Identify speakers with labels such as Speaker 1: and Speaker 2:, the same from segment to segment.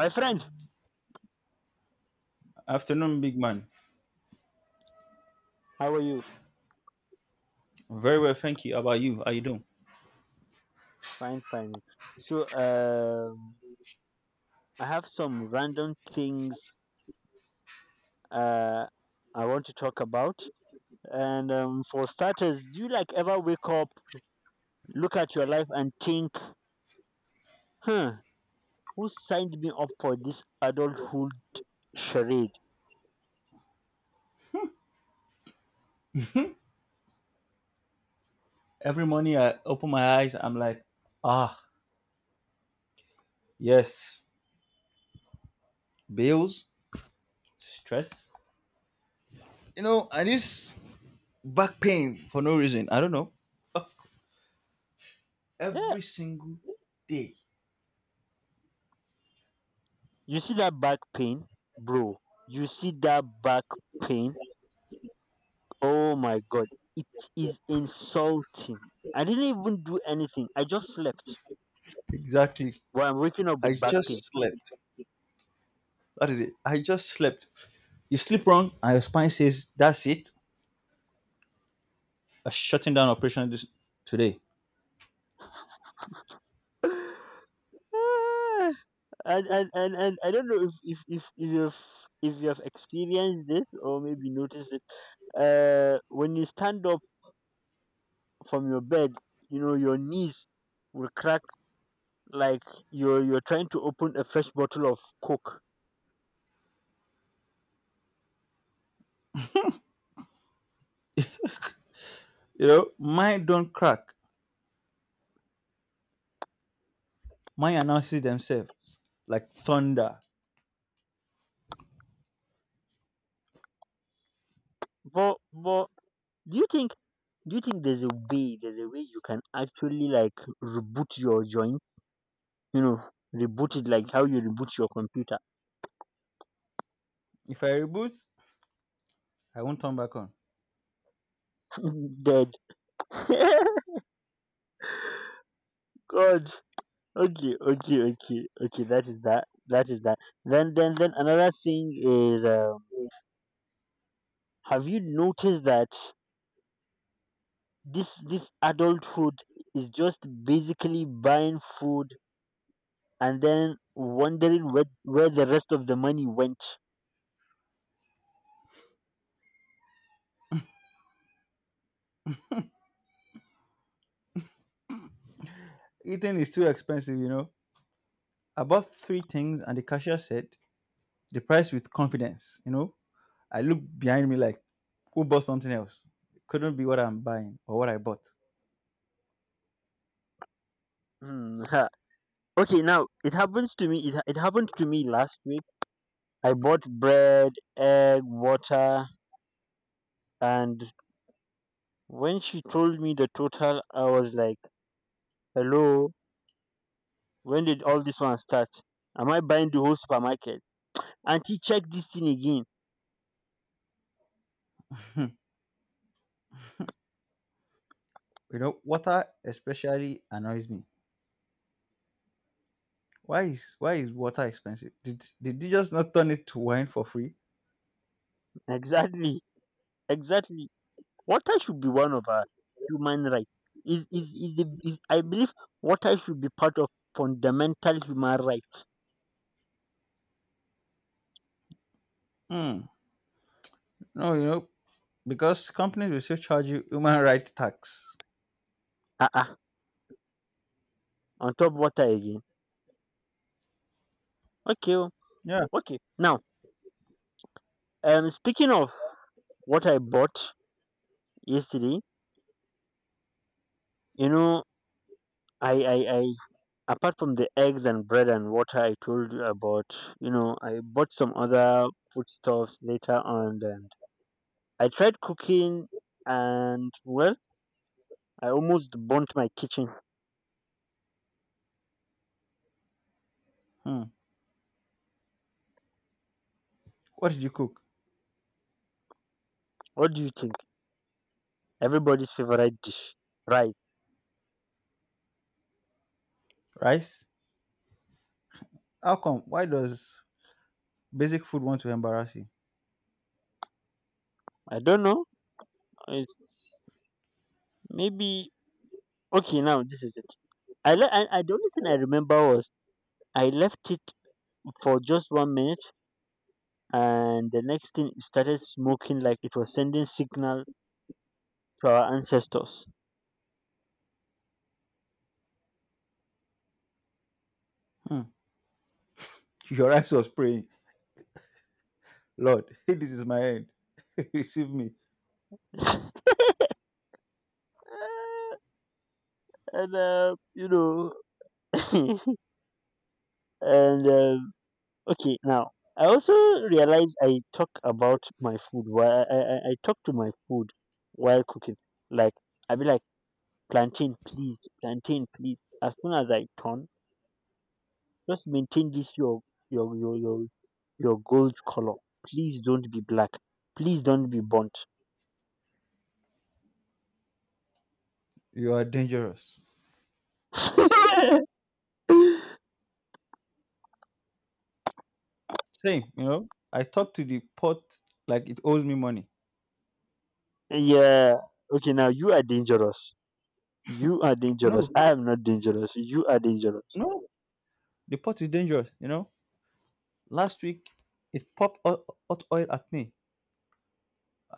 Speaker 1: My friend,
Speaker 2: Afternoon, big man.
Speaker 1: how are you?
Speaker 2: Very well, thank you. How about you? How you doing?
Speaker 1: Fine, fine. So, I have some random things uh, I want to talk about. And for starters, do you like ever wake up, look at your life, and think, huh, who signed me up for this adulthood charade?
Speaker 2: Every morning I open my eyes, I'm like, ah, yes, bills, stress, you know, and this back pain for no reason. I don't know. Ah,
Speaker 1: Yeah,
Speaker 2: every single day.
Speaker 1: you see that back pain, bro. You see that back pain. Oh my god, it is insulting. I didn't even do anything. I just slept.
Speaker 2: Exactly.
Speaker 1: Well, I'm waking up
Speaker 2: I
Speaker 1: with back pain.
Speaker 2: just slept. That is it. I just slept. You sleep wrong, and your spine says, that's it. A shutting down operation this today.
Speaker 1: Ah, and I don't know if you have experienced this or maybe noticed it. When you stand up from your bed, you know your knees will crack like you're trying to open a fresh bottle of Coke.
Speaker 2: You know, mine don't crack. Mine announces themselves like thunder.
Speaker 1: But do you think do you think there's a way you can actually like reboot your joint? You know, reboot it like how you reboot your computer.
Speaker 2: If I reboot, I won't turn back on.
Speaker 1: Dead. God. Okay. That is that. Then another thing is, have you noticed that this adulthood is just basically buying food and then wondering where the rest of the money went?
Speaker 2: Eating is too expensive, you know. I bought three things and the cashier said the price with confidence, you know. I looked behind me like, who bought something else? It couldn't be what I'm buying or what I bought.
Speaker 1: Hmm, ha. Okay, now it happened to me last week. I bought bread, egg, water, and when she told me the total, I was like, hello, when did all this one start? Am I buying the whole supermarket? Auntie, check this thing again.
Speaker 2: You know, water especially annoys me. Why is water expensive? Did you just not turn it to wine for free?
Speaker 1: Exactly, exactly. Water should be one of our human rights. Is, the, is I believe water should be part of fundamental human rights.
Speaker 2: Hmm. No, you know, because companies will still charge you human rights tax.
Speaker 1: Ah uh-uh, on top water again. Okay, oh,
Speaker 2: Yeah.
Speaker 1: okay. Now, speaking of what I bought yesterday, you know, I apart from the eggs and bread and water I told you about, I bought some other foodstuffs later on, and I tried cooking, and well, I almost burnt my kitchen.
Speaker 2: Hmm. What did you cook?
Speaker 1: What do you think? Everybody's favorite dish. Right.
Speaker 2: Rice? How come? Why does basic food want to embarrass you?
Speaker 1: I don't know. It's maybe. Okay, now this is it. I, le- I The only thing I remember was I left it for just one minute, and the next thing, it started smoking like it was sending signal to our ancestors.
Speaker 2: Hmm. Your eyes was praying, Lord, this is my end. Receive me.
Speaker 1: And and okay. Now I also realize I talk about my food. While I talk to my food while cooking. Like I be like, plantain, please, plantain, please. As soon as I turn, just maintain this your your your your your gold color. Please don't be black. Please don't be burnt.
Speaker 2: You are dangerous. Same, you know. I talk to the pot like it owes me money.
Speaker 1: Yeah. Okay. Now you are dangerous. You are
Speaker 2: No,
Speaker 1: dangerous. I am not dangerous. You are dangerous.
Speaker 2: no, the pot is dangerous, you know. Last week it popped hot oil at me.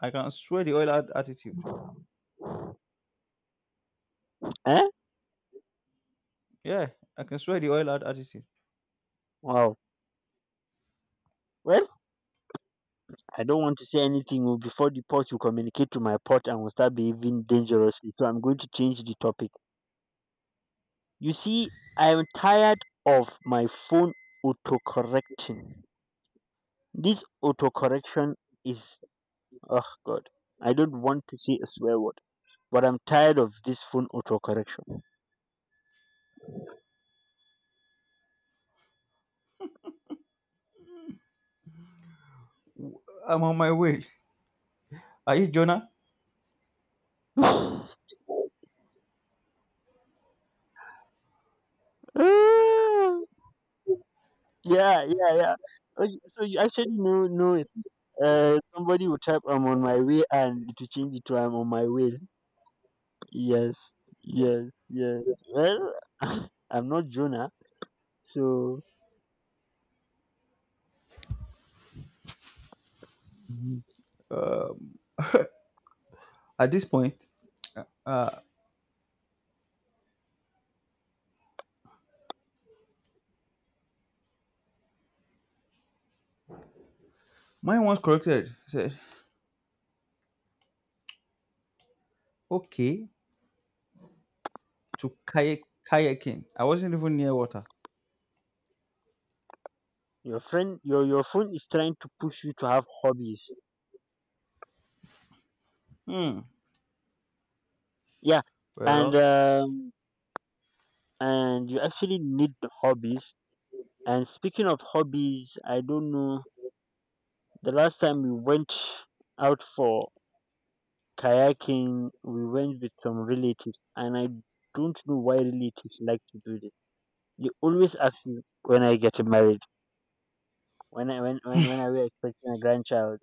Speaker 2: I can swear the oil had attitude.
Speaker 1: Eh?
Speaker 2: Yeah, I can swear the oil had attitude.
Speaker 1: Wow. Well, I don't want to say anything, oh, before the pot will communicate to my pot and will start behaving dangerously. So I'm going to change the topic. You see, I am tired of my phone autocorrecting. This autocorrection is, oh God, I don't want to say a swear word, but I'm tired of this phone autocorrection.
Speaker 2: W- I'm on my way. Are you Jonah?
Speaker 1: Ah, yeah, yeah, yeah. Oh, so you actually know it. Somebody will type, I'm on my way, and it will change it to I'm on my way. Yes, yes, yes. Well, I'm not Jonah, so
Speaker 2: Um, at this point, uh, uh, mine once corrected. He said, okay, to kayak kayaking. I wasn't even near water.
Speaker 1: your friend, your phone is trying to push you to have hobbies.
Speaker 2: Hmm.
Speaker 1: Yeah, and
Speaker 2: Well,
Speaker 1: um, and you actually need the hobbies. And speaking of hobbies, I don't know. The last time we went out for kayaking, we went with some relatives, and I don't know why relatives like to do this. They always ask you when I get married, when I when are we expecting a grandchild?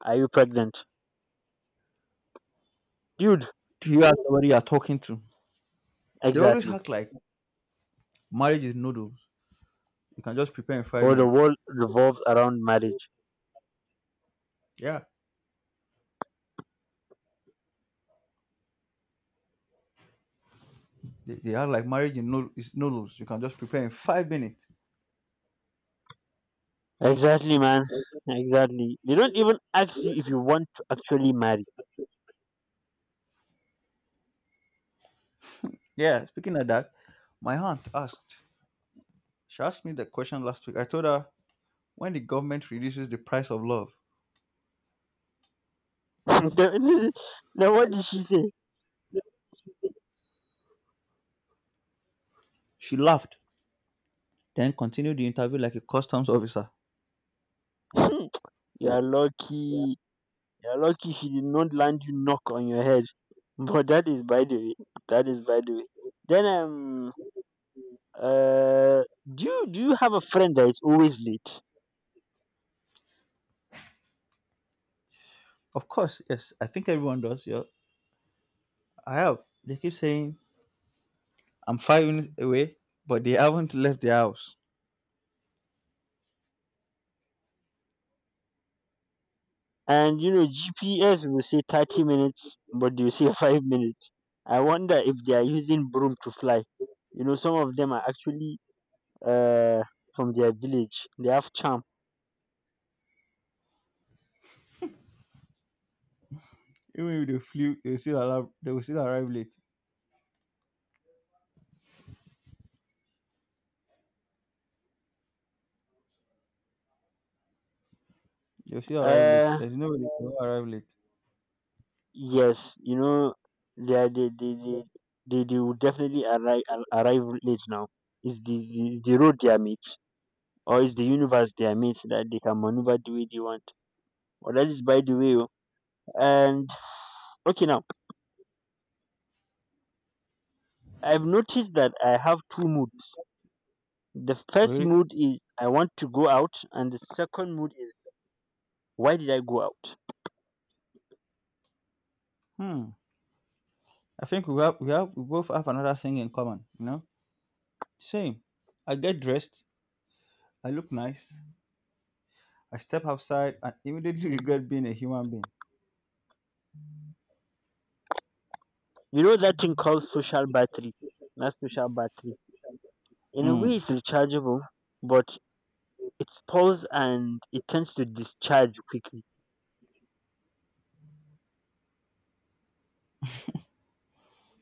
Speaker 1: Are you pregnant? Dude,
Speaker 2: you are somebody you are talking to. They always
Speaker 1: exactly.
Speaker 2: act like marriage is noodles. You can just prepare in five
Speaker 1: Or the
Speaker 2: minutes.
Speaker 1: world revolves around marriage.
Speaker 2: Yeah. They act like marriage is noodles. You can just prepare in 5 minutes.
Speaker 1: Exactly, man. Exactly. They don't even ask you if you want to actually marry.
Speaker 2: Yeah. Speaking of that, my aunt asked. She asked me the question last week. I told her when the government reduces the price of love.
Speaker 1: now, now, what did she say?
Speaker 2: She laughed, then continued the interview like a customs officer.
Speaker 1: You're lucky. You're lucky she did not land you knock on your head. But that is by the way. That is by the way. Then uh do you have a friend that is always late?
Speaker 2: Of course, yes. I think everyone does. Yeah. I have. They keep saying I'm 5 minutes away, but they haven't left the house.
Speaker 1: And you know, GPS will say 30 minutes, but you say 5 minutes. I wonder if they are using broom to fly. You know, some of them are actually, uh, from their village. They have charm.
Speaker 2: Even if they flew, they will still arrive. They will still arrive late. They'll still arrive late.
Speaker 1: Uh,
Speaker 2: There's no way they can arrive late.
Speaker 1: yes, they are, they will definitely arrive, late now. Is the road they are mate, or is the universe they are mate that they can maneuver the way they want? Or that is by the way. Oh. And okay, now I've noticed that I have two moods. The first
Speaker 2: Really?
Speaker 1: mood is I want to go out, and the second mood is why did I go out?
Speaker 2: Hmm. I think we both have another thing in common, you know? Same. I get dressed, I look nice, I step outside and immediately regret being a human being.
Speaker 1: You know that thing called social battery, not social battery. In a
Speaker 2: Hmm.
Speaker 1: way, it's rechargeable, but it spoils, and it tends to discharge quickly.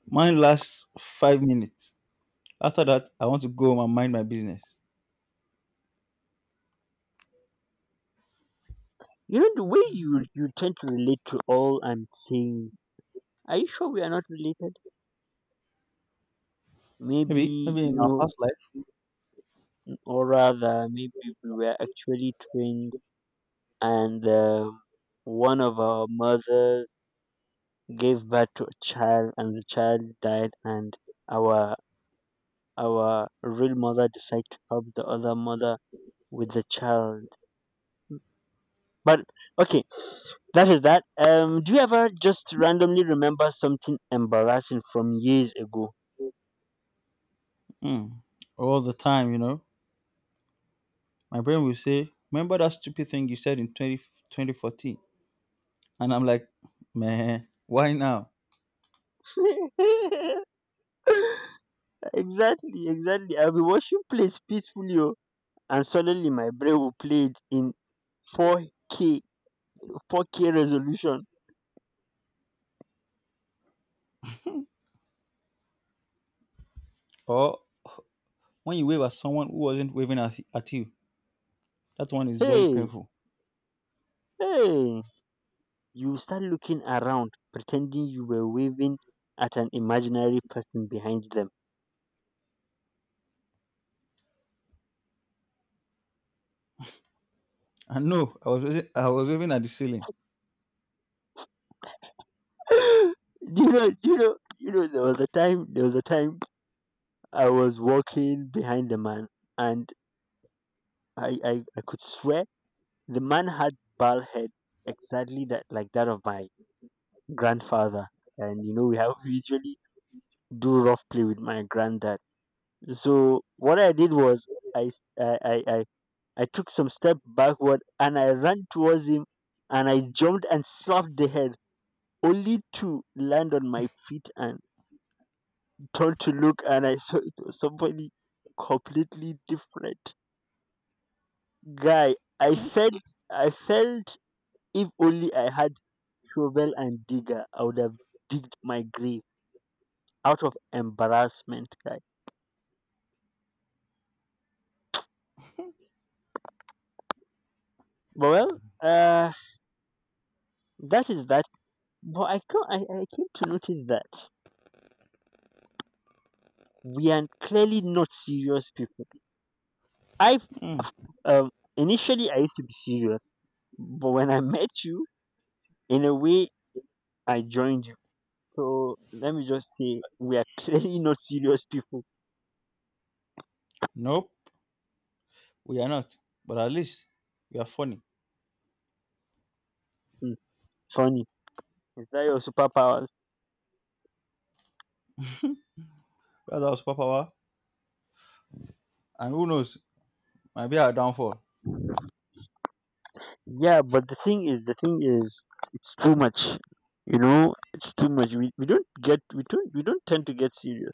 Speaker 2: Mine lasts 5 minutes. After that, I want to go home and mind my business.
Speaker 1: You know the way you tend to relate to all I'm saying. Are you sure we are not related?
Speaker 2: Maybe
Speaker 1: Maybe
Speaker 2: maybe in our past life,
Speaker 1: or rather, maybe we were actually twins. And one of our mothers gave birth to a child, and the child died, and our real mother decided to help the other mother with the child, but okay, that is that. Do you ever just randomly remember something embarrassing from years ago?
Speaker 2: hmm, all the time, you know. My brain will say, remember that stupid thing you said in 2014? And I'm like, man, why now?
Speaker 1: Exactly, exactly. I'll be watching plays peacefully, oh, and suddenly my brain will play it in 4k 4K resolution.
Speaker 2: Or when you wave at someone who wasn't waving at you, that one is very
Speaker 1: hey
Speaker 2: painful.
Speaker 1: hey you start looking around pretending you were waving at an imaginary person behind them.
Speaker 2: And no, I was waving at the ceiling.
Speaker 1: Do you know there was a time, I was walking behind the man, and I could swear the man had bald head exactly that like that of my grandfather. And you know we have we usually do rough play with my granddad. So what I did was, I I, I, I I took some step backward, and I ran towards him, and I jumped and slapped the head, only to land on my feet and turn to look, and I saw it was somebody completely different. Guy, I felt if only I had shovel and digger, I would have digged my grave out of embarrassment, guy. But well, uh that is that. But I, co- I came to notice that we are clearly not serious people. I
Speaker 2: Mm-mm.
Speaker 1: Um, Initially, I used to be serious, but when I met you, in a way, I joined you. So let me just say, we are clearly not serious people.
Speaker 2: Nope, we are not. But at least we are funny.
Speaker 1: Hmm, funny. Is that your superpowers?
Speaker 2: That's our superpower. And who knows, maybe our downfall.
Speaker 1: Yeah, but the thing is, it's too much. You know, it's too much. We don't get we don't tend to get serious.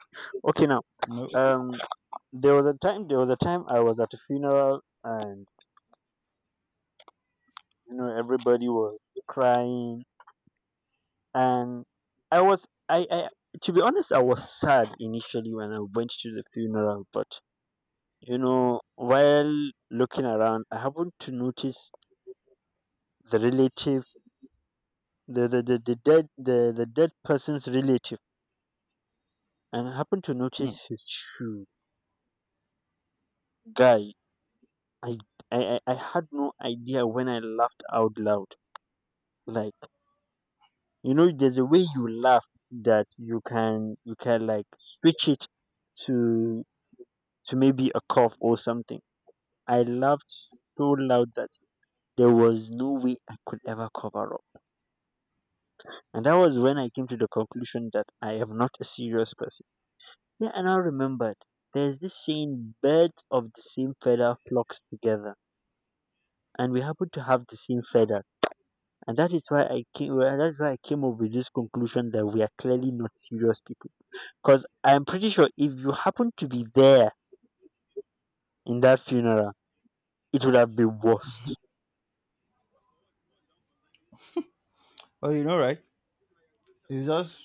Speaker 1: Okay, now,
Speaker 2: No.
Speaker 1: um, there was a time, I was at a funeral, and you know everybody was crying, and I was I to be honest, I was sad initially when I went to the funeral, but while looking around, I happened to notice the relative, the dead person's relative, and I happened to notice
Speaker 2: Mm.
Speaker 1: his shoe. Guy, I, I had no idea when I laughed out loud. Like there's a way you laugh that you can like switch it to to maybe a cough or something. I laughed so loud that there was no way I could ever cover up. And that was when I came to the conclusion that I am not a serious person. Yeah, and I remembered there's this saying, birds of the same feather flocks together. And we happen to have the same feather. And that is why that's why I came up with this conclusion that we are clearly not serious people. Because I'm pretty sure if you happen to be there in that funeral, it would have been worst.
Speaker 2: But you know, right? It's just,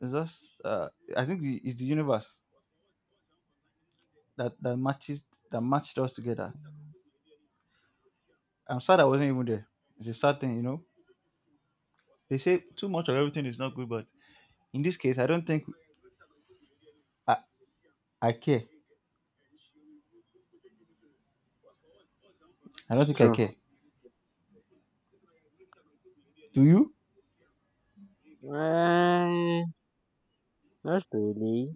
Speaker 2: it's just. I think it's the universe that that matches that matched us together. I'm sad I wasn't even there. It's a sad thing, you know. They say too much of everything is not good, but in this case, I, I care. I don't
Speaker 1: It's
Speaker 2: think I
Speaker 1: true.
Speaker 2: care. Do you?
Speaker 1: Eh, not really.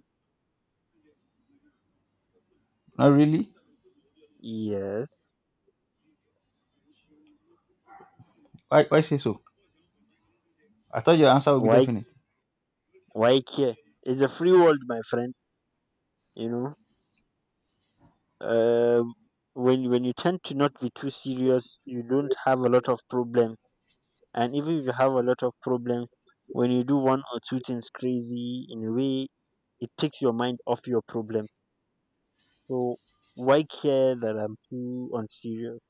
Speaker 2: Not really.
Speaker 1: Yes.
Speaker 2: Why say so? I thought your answer would be
Speaker 1: Why?
Speaker 2: definite.
Speaker 1: Why care? It's a free world, my friend. You know. uh, when you tend to not be too serious, you don't have a lot of problem. And even if you have a lot of problem, when you do one or two things crazy, in a way, it takes your mind off your problem. So why care that I'm too unserious?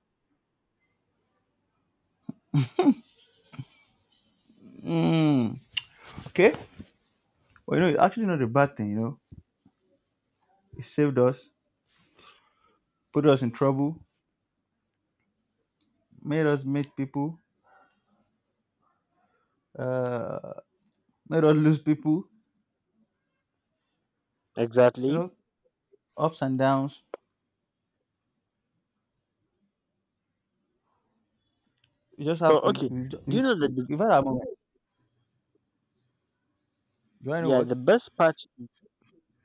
Speaker 2: Mm, okay. Well, you know, it's actually not a bad thing, you know. It saved us, put us in trouble, made us meet people, uh, made us lose people, you
Speaker 1: Exactly.
Speaker 2: know, ups and downs. We just
Speaker 1: So
Speaker 2: have,
Speaker 1: okay. Do you know
Speaker 2: we,
Speaker 1: that?
Speaker 2: we've had our moments. Do I know
Speaker 1: Yeah.
Speaker 2: what?
Speaker 1: The best part.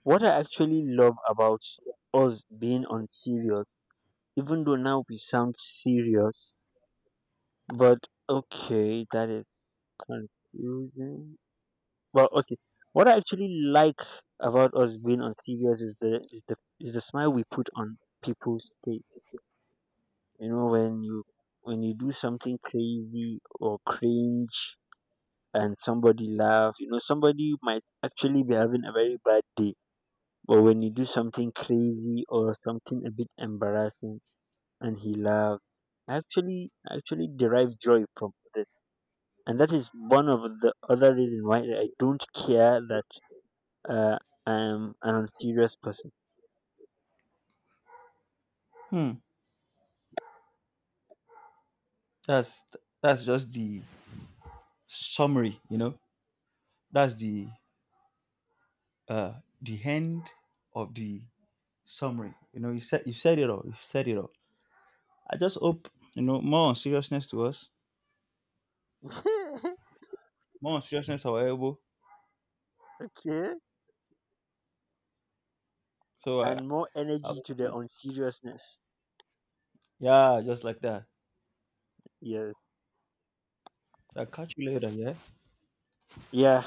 Speaker 1: What I actually love about us being unserious. Even though now we sound serious, but okay, that is confusing. Well, okay. What I actually like about us being on serious is the is the is the smile we put on people's face. You know, when you do something crazy or cringe, and somebody laugh, somebody might actually be having a very bad day. But when you do something crazy or something a bit embarrassing, and he laughed, actually actually derive joy from this, and that is one of the other reason why I don't care that, uh, I'm an unserious person.
Speaker 2: Hmm. That's, that's just the summary, you know, that's uh the end of the summary, you know, you said it all. You said it all. I just hope you know more on seriousness to us,
Speaker 1: Okay,
Speaker 2: more on seriousness our elbow, so i,
Speaker 1: and more
Speaker 2: I
Speaker 1: energy to the unseriousness.
Speaker 2: yeah, just like that.
Speaker 1: Yes,
Speaker 2: I catch you later, yeah.
Speaker 1: yeah.